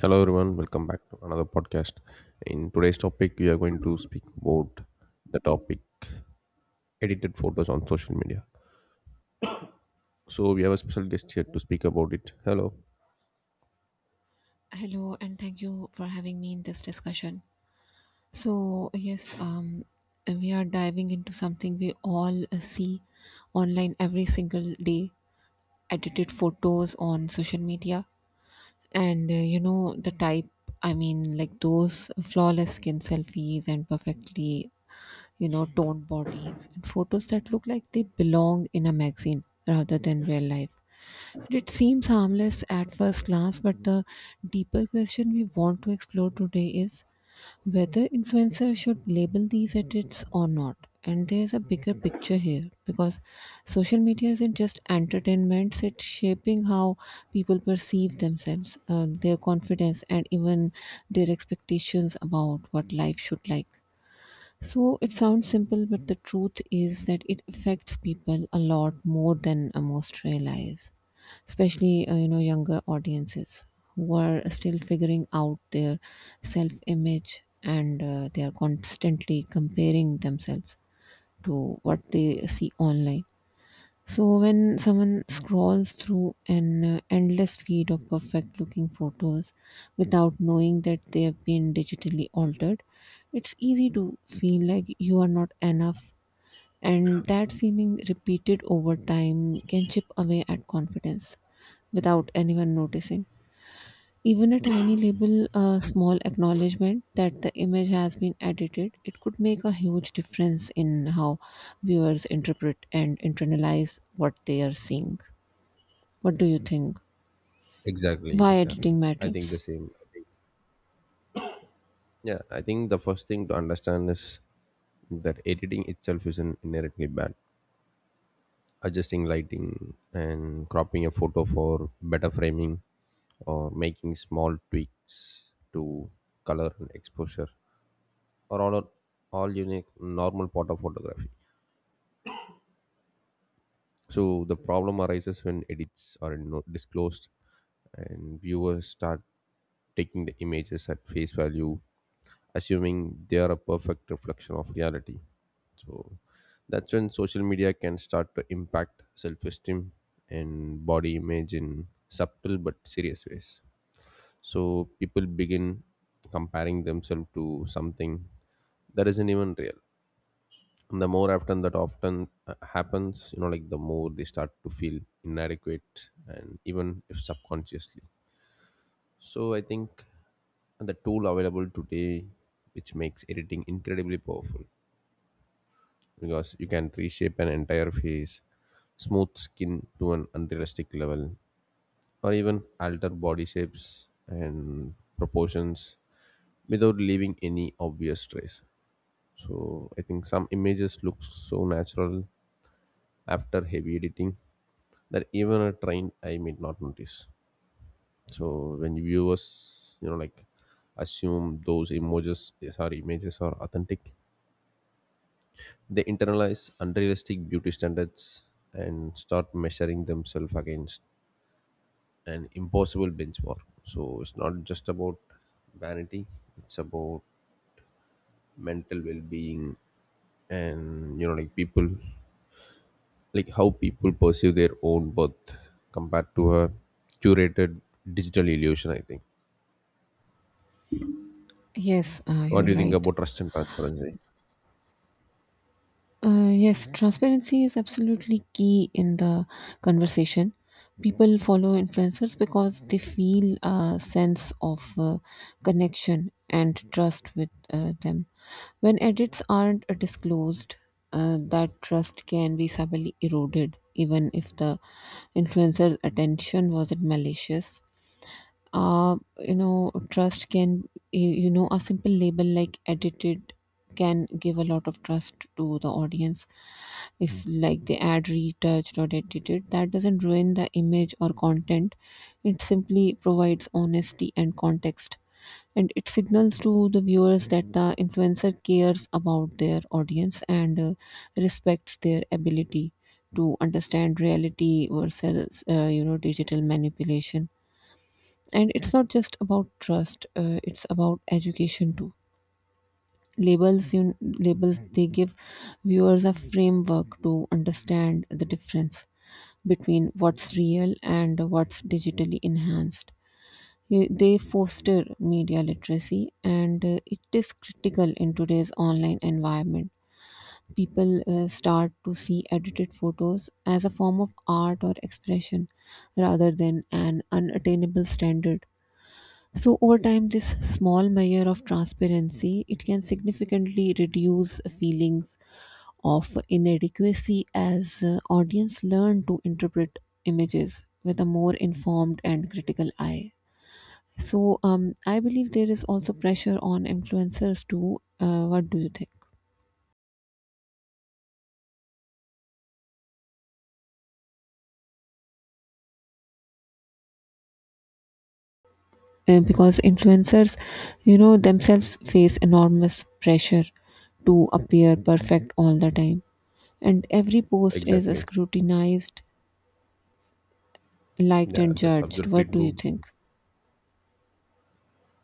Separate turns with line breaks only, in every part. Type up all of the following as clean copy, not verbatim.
Hello everyone, welcome back to another podcast. In today's topic, we are going to speak about the topic edited photos on social media. So we have a special guest here to speak about it. Hello.
Hello, and thank you for having me in this discussion. So yes, we are diving into something we all see online every single day, edited photos on social media. And you know, the type, I mean, like those flawless skin selfies and perfectly, toned bodies, and photos that look like they belong in a magazine rather than real life. It seems harmless at first glance, but the deeper question we want to explore today is whether influencers should label these edits or not. And there's a bigger picture here because social media isn't just entertainment, it's shaping how people perceive themselves, their confidence, and even their expectations about what life should like. Yeah. So it sounds simple, but the truth is that it affects people a lot more than most realize, especially younger audiences who are still figuring out their self-image, and they are constantly comparing themselves to what they see online. So when someone scrolls through an endless feed of perfect looking photos without knowing that they have been digitally altered, it's easy to feel like you are not enough, and that feeling repeated over time can chip away at confidence without anyone noticing. Even a tiny label, a small acknowledgement that the image has been edited, it could make a huge difference in how viewers interpret and internalize what they are seeing. What do you think?
Exactly,
Why
exactly.
editing
I think the
matters?
same. I think the first thing to understand is that editing itself isn't inherently bad. Adjusting lighting and cropping a photo for better framing or making small tweaks to color and exposure or all unique normal part of photography. So the problem arises when edits are not disclosed and viewers start taking the images at face value, assuming they are a perfect reflection of reality. So that's when social media can start to impact self esteem and body image in subtle but serious ways. So people begin comparing themselves to something that isn't even real. And the more often that often happens, the more they start to feel inadequate and even if subconsciously. So I think the tool available today, which makes editing incredibly powerful because you can reshape an entire face, smooth skin to an unrealistic level, or even alter body shapes and proportions without leaving any obvious trace. So I think some images look so natural after heavy editing that even a train I may not notice. So when viewers, assume those images are authentic, they internalize unrealistic beauty standards and start measuring themselves against an impossible benchmark. So it's not just about vanity; it's about mental well-being and people like how people perceive their own worth compared to a curated digital illusion I think.
Yes,
What
you're
do you think
right.
about trust and transparency?
Yes, transparency is absolutely key in the conversation. People follow influencers because they feel a sense of connection and trust with them. When edits aren't disclosed, that trust can be subtly eroded, even if the influencer's attention wasn't malicious. You know trust can you you know A simple label like edited can give a lot of trust to the audience. If like they add retouched or edited, that doesn't ruin the image or content. It simply provides honesty and context, and it signals to the viewers that the influencer cares about their audience and respects their ability to understand reality versus digital manipulation. And it's not just about trust, it's about education too. Labels they give viewers a framework to understand the difference between what's real and what's digitally enhanced. They foster media literacy, and it is critical in today's online environment. People start to see edited photos as a form of art or expression rather than an unattainable standard. So over time, this small measure of transparency it can significantly reduce feelings of inadequacy as audience learn to interpret images with a more informed and critical eye. So I believe there is also pressure on influencers too. What do you think? Because influencers, themselves face enormous pressure to appear perfect all the time, and every post is
Exactly.
scrutinized, liked,
Yeah,
and
that's
judged.
absolutely
What do you
true.
think?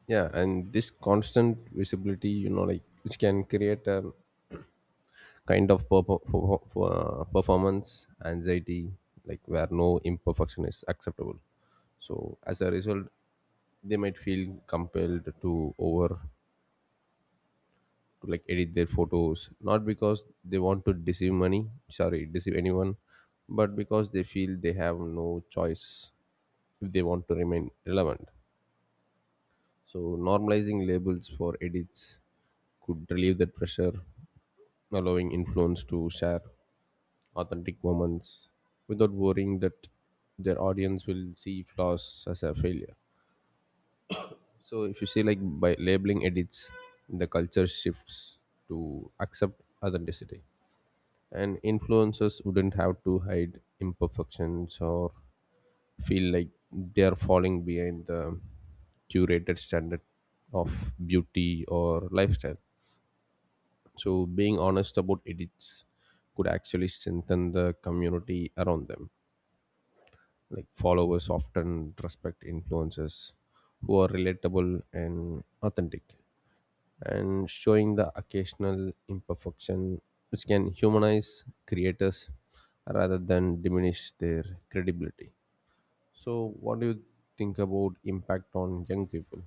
Yeah, and this constant visibility, which can create a kind of performance anxiety, like where no imperfection is acceptable. So as a result, they might feel compelled to over to like edit their photos not because they want to deceive money sorry deceive anyone, but because they feel they have no choice if they want to remain relevant. So normalizing labels for edits could relieve that pressure, allowing influencers to share authentic moments without worrying that their audience will see flaws as a failure. So if you see, like by labeling edits, the culture shifts to accept authenticity, and influencers wouldn't have to hide imperfections or feel like they're falling behind the curated standard of beauty or lifestyle. So being honest about edits could actually strengthen the community around them, like followers often respect influencers who are relatable and authentic, and showing the occasional imperfection, which can humanize creators rather than diminish their credibility. So, what do you think about impact on young people?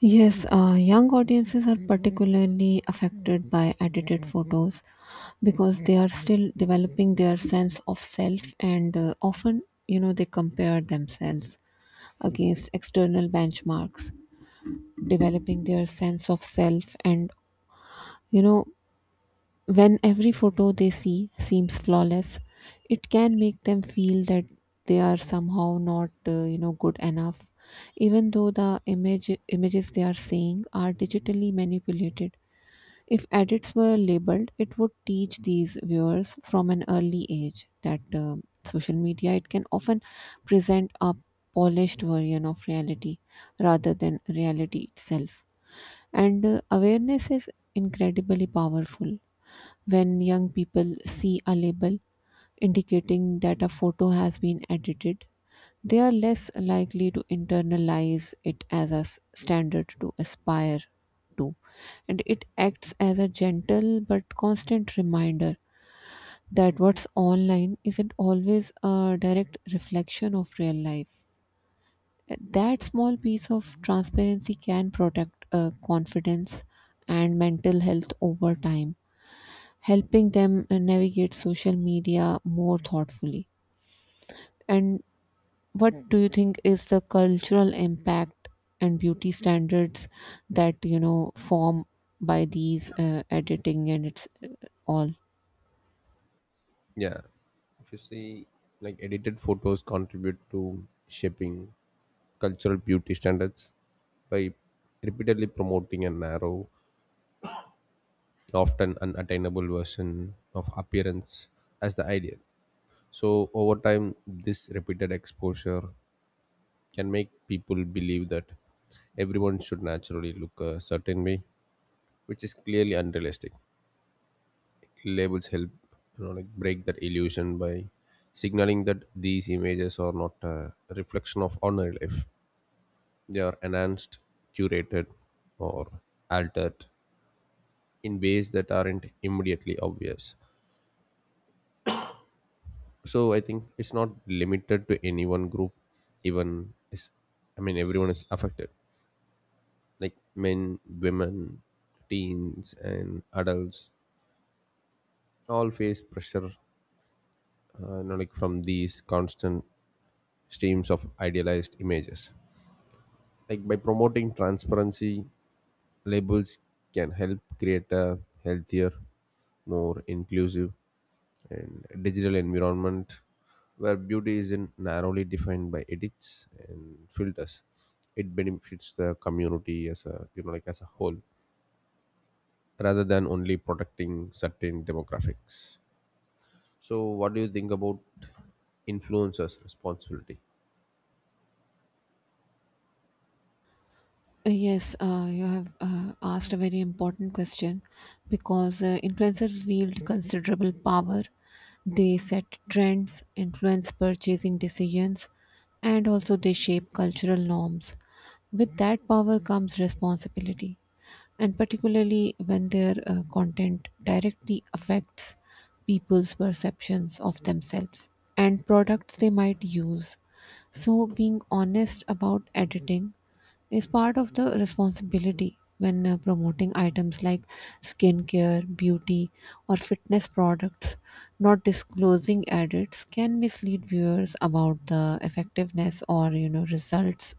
Yes, young audiences are particularly affected by edited photos because they are still developing their sense of self, and often, they compare themselves against external benchmarks, developing their sense of self and, you know, when every photo they see seems flawless, it can make them feel that they are somehow not, good enough, even though images they are seeing are digitally manipulated. If edits were labeled, it would teach these viewers from an early age that social media it can often present a polished version of reality rather than reality itself. And awareness is incredibly powerful. When young people see a label indicating that a photo has been edited, they are less likely to internalize it as a standard to aspire to. And it acts as a gentle but constant reminder that what's online isn't always a direct reflection of real life. That small piece of transparency can protect confidence and mental health over time, helping them navigate social media more thoughtfully. And what do you think is the cultural impact and beauty standards that form by these editing and it's all?
Yeah, if you see, like edited photos contribute to shaping cultural beauty standards by repeatedly promoting a narrow, often unattainable version of appearance as the ideal. So, over time, this repeated exposure can make people believe that everyone should naturally look a certain way, which is clearly unrealistic. Labels help, break that illusion by signaling that these images are not a reflection of ordinary life. They are enhanced, curated, or altered in ways that aren't immediately obvious. So I think it's not limited to any one group. Even is, I mean, everyone is affected. Like men, women, teens, and adults all face pressure, from these constant streams of idealized images. Like by promoting transparency, labels can help create a healthier, more inclusive, and digital environment where beauty isn't narrowly defined by edits and filters. It benefits the community as a as a whole, rather than only protecting certain demographics. So, what do you think about influencers' responsibility?
Yes, you have asked a very important question, because influencers wield considerable power. They set trends, influence purchasing decisions, and also they shape cultural norms. With that power comes responsibility, and particularly when their content directly affects people's perceptions of themselves and products they might use. So, being honest about editing is part of the responsibility when promoting items like skincare, beauty, or fitness products. Not disclosing edits can mislead viewers about the effectiveness or results,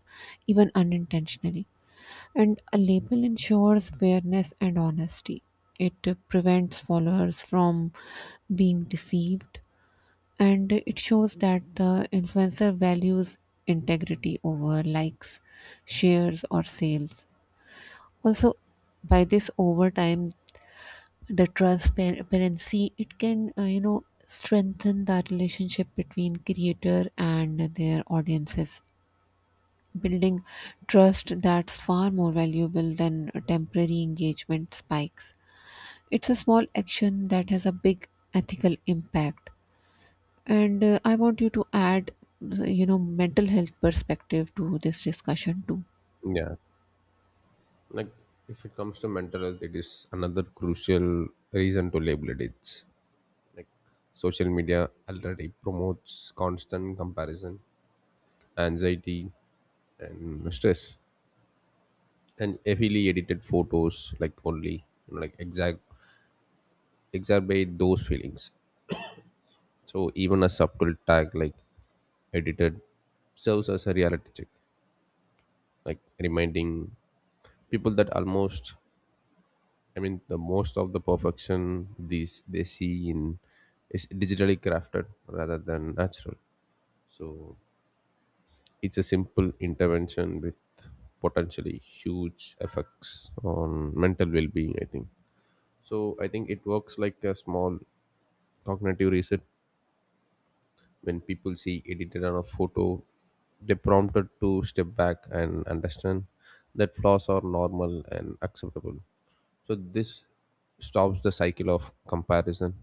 even unintentionally. And a label ensures fairness and honesty. It prevents followers from being deceived, and it shows that the influencer values integrity over likes, shares, or sales. Also, by this over time, the transparency it can strengthen the relationship between creator and their audiences, building trust that's far more valuable than temporary engagement spikes. It's a small action that has a big ethical impact. And I want you to add mental health perspective to this discussion too.
Yeah, like if it comes to mental health, it is another crucial reason to label it. It's like social media already promotes constant comparison, anxiety, and stress, and heavily edited photos like only exact exacerbate those feelings. So even a subtle tag like edited serves as a reality check, like reminding people that almost I mean the most of the perfection these they see in is digitally crafted rather than natural. So it's a simple intervention with potentially huge effects on mental well-being I think. So I think it works like a small cognitive reset. When people see edited on a photo, they prompted to step back and understand that flaws are normal and acceptable. So this stops the cycle of comparison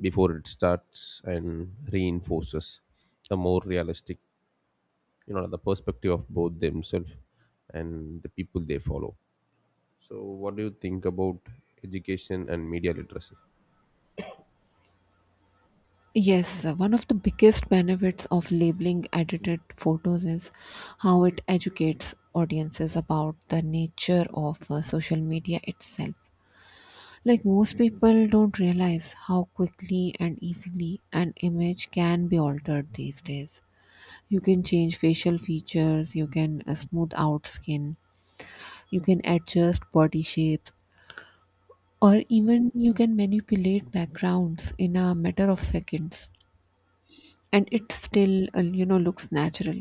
before it starts and reinforces a more realistic, the perspective of both themselves and the people they follow. So what do you think about education and media literacy?
Yes, one of the biggest benefits of labeling edited photos is how it educates audiences about the nature of social media itself. Like most people don't realize how quickly and easily an image can be altered these days. You can change facial features, you can smooth out skin, you can adjust body shapes, or even you can manipulate backgrounds in a matter of seconds, and it still looks natural.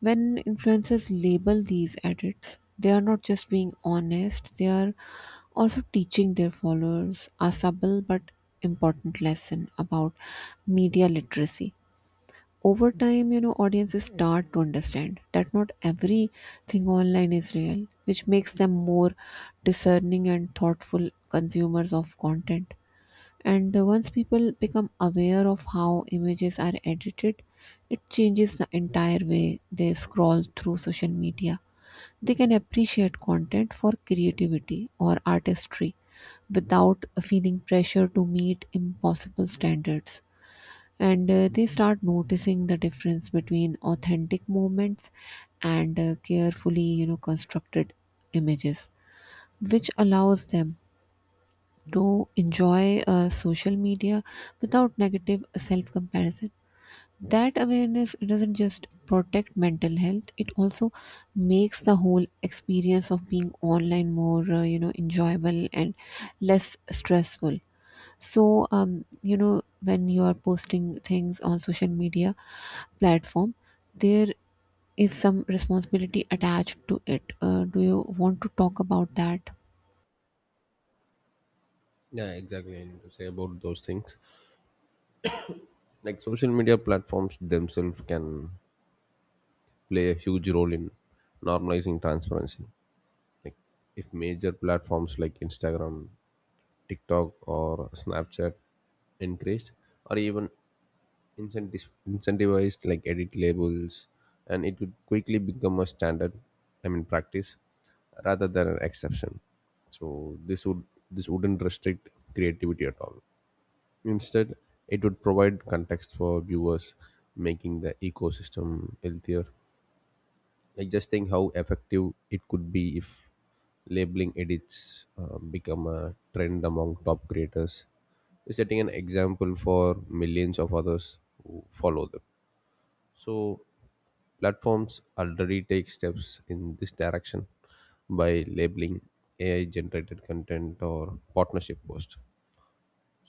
When influencers label these edits, they are not just being honest, they are also teaching their followers a subtle but important lesson about media literacy. Over time, audiences start to understand that not everything online is real, which makes them more discerning and thoughtful consumers of content. And once people become aware of how images are edited, it changes the entire way they scroll through social media. They can appreciate content for creativity or artistry without feeling pressure to meet impossible standards. And they start noticing the difference between authentic moments and carefully, constructed images, which allows them to enjoy social media without negative self comparison. That awareness doesn't just protect mental health, it also makes the whole experience of being online more enjoyable and less stressful. So when you are posting things on social media platform, there is some responsibility attached to it. Do you want to talk about that?
Yeah, exactly, I need to say about those things. Like social media platforms themselves can play a huge role in normalizing transparency. Like if major platforms like Instagram, TikTok, or Snapchat encouraged or even incentivized like edit labels, and it would quickly become a standard. I mean practice rather than an exception. So this wouldn't restrict creativity at all. Instead, it would provide context for viewers, making the ecosystem healthier, like just think how effective it could be if labeling edits become a trend among top creators, setting an example for millions of others who follow them. So platforms already take steps in this direction by labeling AI generated content or partnership post.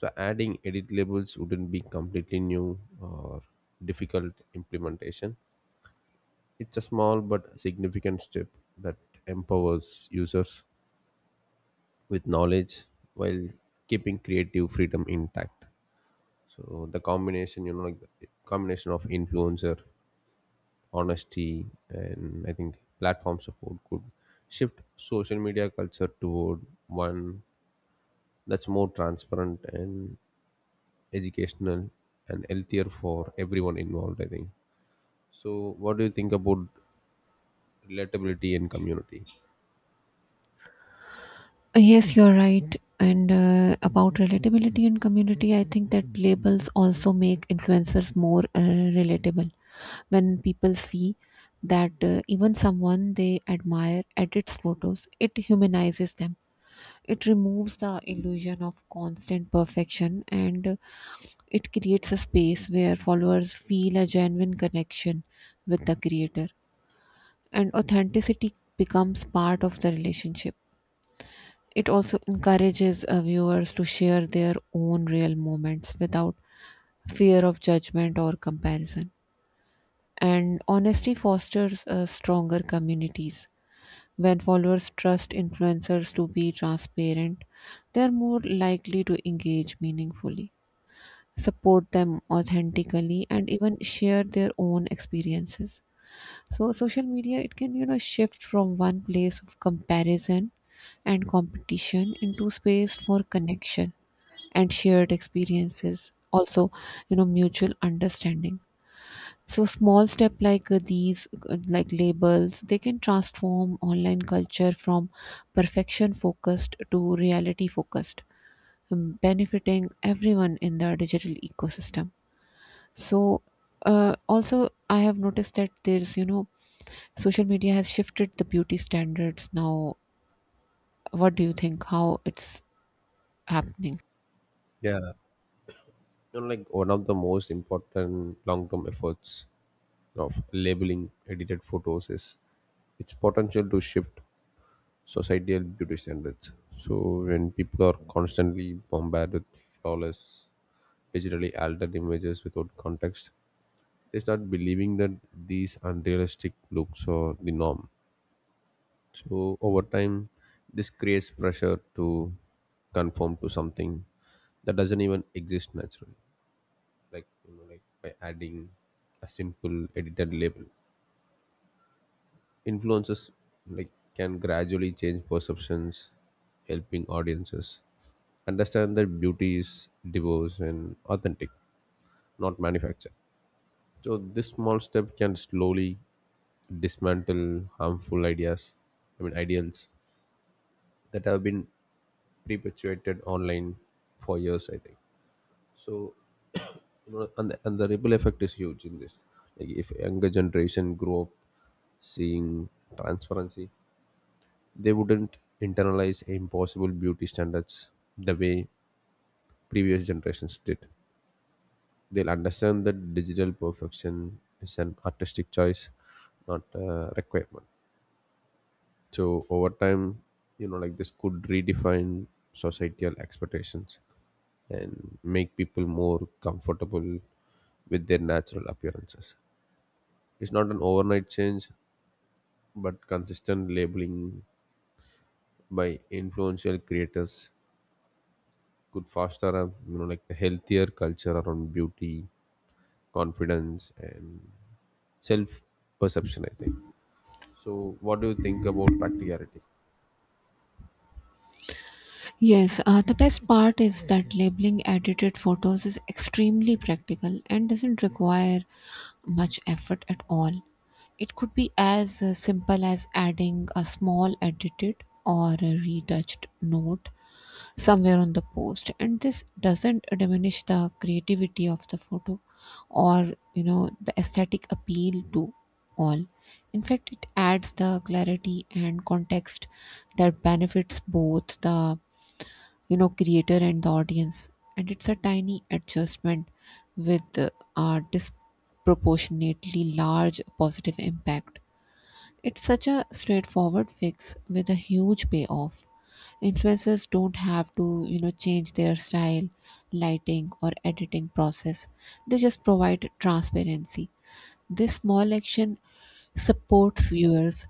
So adding edit labels wouldn't be completely new or difficult implementation. It's a small but significant step that empowers users with knowledge while keeping creative freedom intact. So the combination, you know, like the combination of influencer honesty and I think platform support could shift social media culture toward one that's more transparent and educational and healthier for everyone involved. I think. So what do you think about relatability and community?
Yes, you're right. And about relatability and community, I think that labels also make influencers more relatable. When people see that even someone they admire edits photos, it humanizes them. It removes the illusion of constant perfection, and it creates a space where followers feel a genuine connection with the creator. And authenticity becomes part of the relationship. It also encourages viewers to share their own real moments without fear of judgment or comparison. And honesty fosters stronger communities. When followers trust influencers to be transparent, they are more likely to engage meaningfully, support them authentically, and even share their own experiences. So social media it can shift from one place of comparison and competition into space for connection and shared experiences, also mutual understanding. So small step like these like labels they can transform online culture from perfection focused to reality focused, benefiting everyone in the digital ecosystem. So, also, I have noticed that there's, social media has shifted the beauty standards now. What do you think? How it's happening?
Yeah, one of the most important long-term efforts of labeling edited photos is its potential to shift societal beauty standards. So when people are constantly bombarded with flawless, digitally altered images without context, they start believing that these unrealistic looks are the norm. So over time, this creates pressure to conform to something that doesn't even exist naturally, like by adding a simple edited label, influences like can gradually change perceptions, helping audiences understand that beauty is diverse and authentic, not manufactured. So this small step can slowly dismantle harmful ideas I mean ideals that have been perpetuated online for years I think. So, you know, and the ripple effect is huge in this. Like if younger generation grow up seeing transparency, they wouldn't internalize impossible beauty standards the way previous generations did. They'll understand that digital perfection is an artistic choice, not a requirement. So over time, this could redefine societal expectations and make people more comfortable with their natural appearances. It's not an overnight change, but consistent labeling by influential creators could foster a a healthier culture around beauty, confidence, and self perception. I think. So, what do you think about practicality?
Yes, the best part is that labeling edited photos is extremely practical and doesn't require much effort at all. It could be as simple as adding a small edited or a retouched note somewhere on the post, and this doesn't diminish the creativity of the photo or the aesthetic appeal to all. In fact, it adds the clarity and context that benefits both the creator and the audience. And it's a tiny adjustment with a disproportionately large positive impact. It's such a straightforward fix with a huge payoff. Influencers don't have to, change their style, lighting, or editing process. They just provide transparency. This small action supports viewers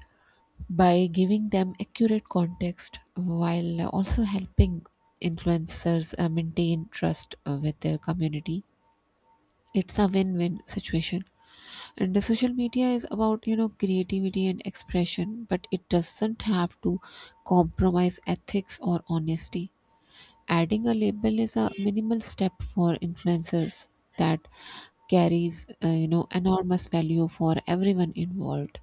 by giving them accurate context, while also helping influencers maintain trust with their community. It's a win win situation, and the social media is about creativity and expression, but it doesn't have to compromise ethics or honesty. Adding a label is a minimal step for influencers that carries enormous value for everyone involved.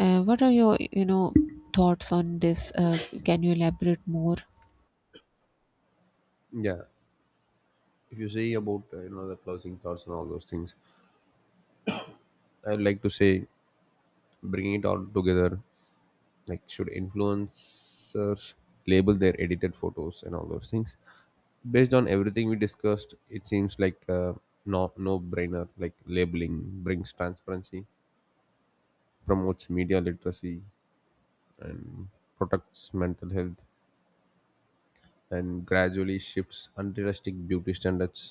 What are your thoughts on this? Can you elaborate more?
Yeah, if you say about the closing thoughts and all those things, I'd like to say bringing it all together. Like should influencers label their edited photos and all those things? Based on everything we discussed, it seems like no, no brainer. Like labeling brings transparency, promotes media literacy, and protects mental health, and gradually shifts unrealistic beauty standards.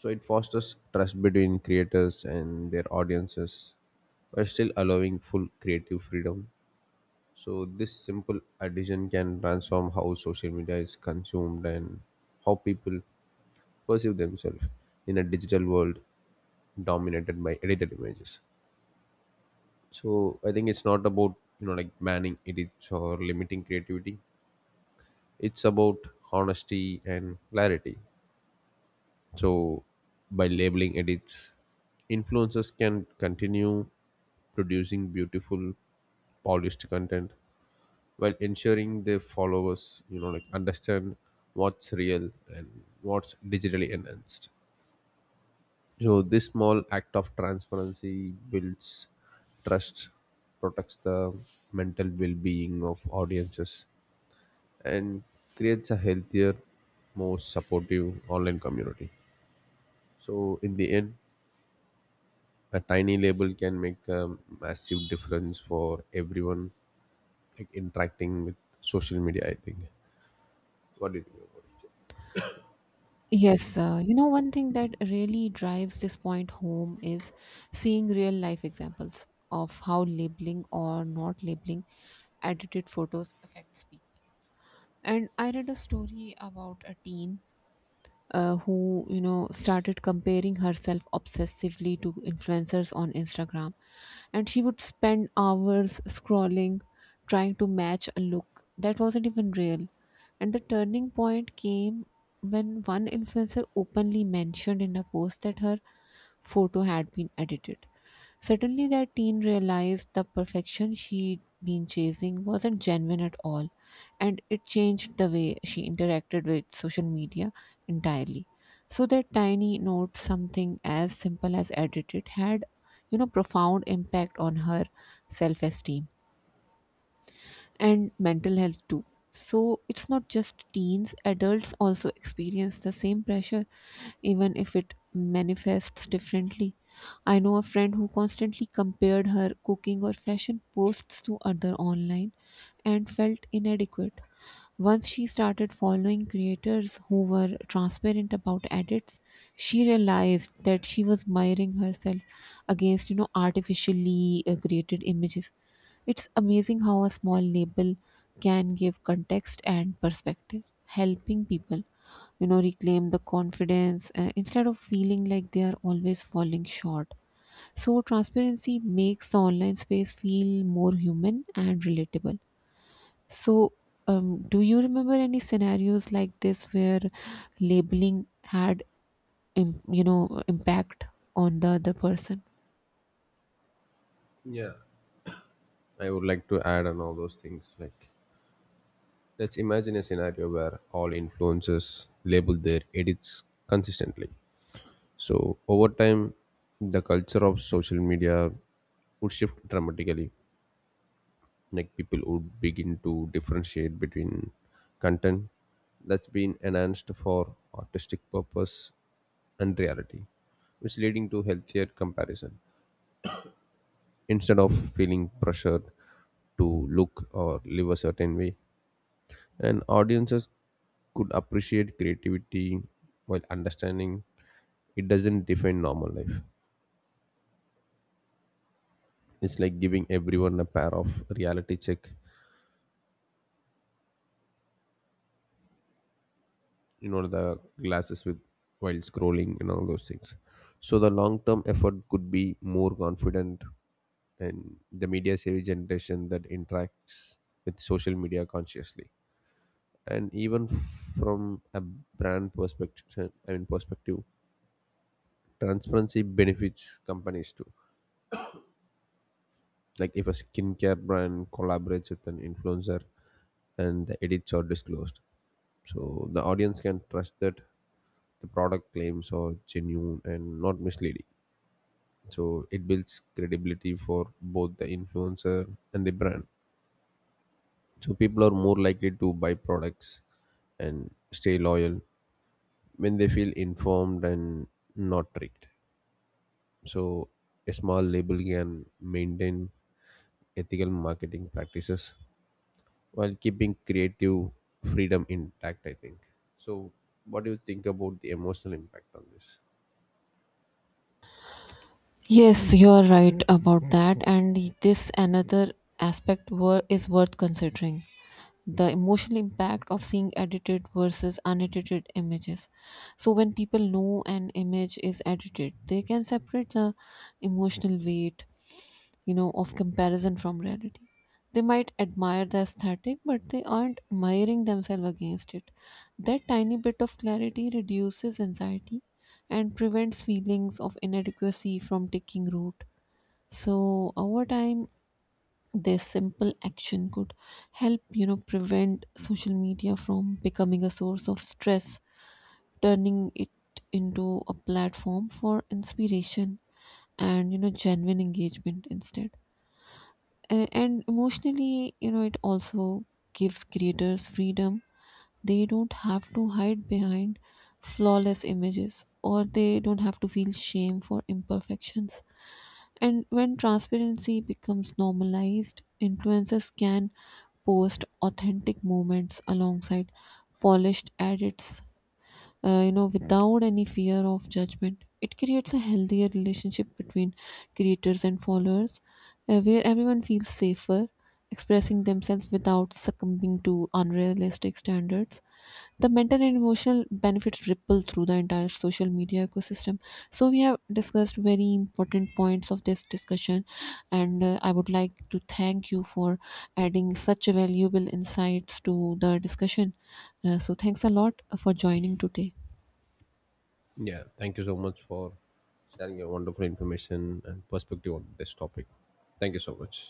So it fosters trust between creators and their audiences while still allowing full creative freedom. So this simple addition can transform how social media is consumed and how people perceive themselves in a digital world dominated by edited images. So I think it's not about banning edits or limiting creativity. It's about honesty and clarity. So by labeling edits, influencers can continue producing beautiful, polished content while ensuring their followers understand what's real and what's digitally enhanced. So this small act of transparency builds trust, protects the mental well-being of audiences, and creates a healthier, more supportive online community. So in the end, a tiny label can make a massive difference for everyone like interacting with social media I think. What do you think about
Yes, one thing that really drives this point home is seeing real life examples of how labeling or not labeling edited photos affects people. And I read a story about a teen who started comparing herself obsessively to influencers on Instagram, and she would spend hours scrolling, trying to match a look that wasn't even real. And the turning point came when one influencer openly mentioned in a post that her photo had been edited. Suddenly, that teen realized the perfection she'd been chasing wasn't genuine at all, and it changed the way she interacted with social media entirely. So, that tiny note, something as simple as edited, had profound impact on her self esteem and mental health too. So, it's not just teens, adults also experience the same pressure, even if it manifests differently. I know a friend who constantly compared her cooking or fashion posts to others online and felt inadequate. Once she started following creators who were transparent about edits, she realized that she was mirroring herself against, artificially created images. It's amazing how a small label can give context and perspective, helping people, reclaim the confidence instead of feeling like they are always falling short. So, transparency makes the online space feel more human and relatable. So, do you remember any scenarios like this where labeling had, impact on the other person?
it? Yeah, I would like to add on all those things. Like, let's imagine a scenario where all influencers label their edits consistently. So, over time, the culture of social media would shift dramatically. Like, people would begin to differentiate between content that's been enhanced for artistic purpose and reality, which leading to healthier comparison instead of feeling pressured to look or live a certain way. And audiences could appreciate creativity while understanding it doesn't define normal life. It's like giving everyone a pair of reality check, you know, the glasses with, while scrolling and all those things. So the long term effort could be more confident and the media savvy generation that interacts with social media consciously. And even from a brand perspective I mean perspective, transparency benefits companies too. Like if a skincare brand collaborates with an influencer and the edits are disclosed, so the audience can trust that the product claims are genuine and not misleading. So it builds credibility for both the influencer and the brand. So people are more likely to buy products and stay loyal when they feel informed and not tricked. So a small label can maintain ethical marketing practices while keeping creative freedom intact I think. So what do you think about the emotional impact on this?
Yes, you are right about that, and this another aspect is worth considering the emotional impact of seeing edited versus unedited images. So, when people know an image is edited, they can separate the emotional weight of comparison from reality. They might admire the aesthetic, but they aren't miring themselves against it. That tiny bit of clarity reduces anxiety and prevents feelings of inadequacy from taking root. So, over time, this simple action could help, prevent social media from becoming a source of stress, turning it into a platform for inspiration and, genuine engagement instead. And emotionally it also gives creators freedom. They don't have to hide behind flawless images, or they don't have to feel shame for imperfections. And when transparency becomes normalized, influencers can post authentic moments alongside polished edits, without any fear of judgment. It creates a healthier relationship between creators and followers, where everyone feels safer expressing themselves without succumbing to unrealistic standards. The mental and emotional benefits ripple through the entire social media ecosystem. So we have discussed very important points of this discussion, and I would like to thank you for adding such valuable insights to the discussion. So thanks a lot for joining today.
Yeah, thank you so much for sharing your wonderful information and perspective on this topic. Thank you so much.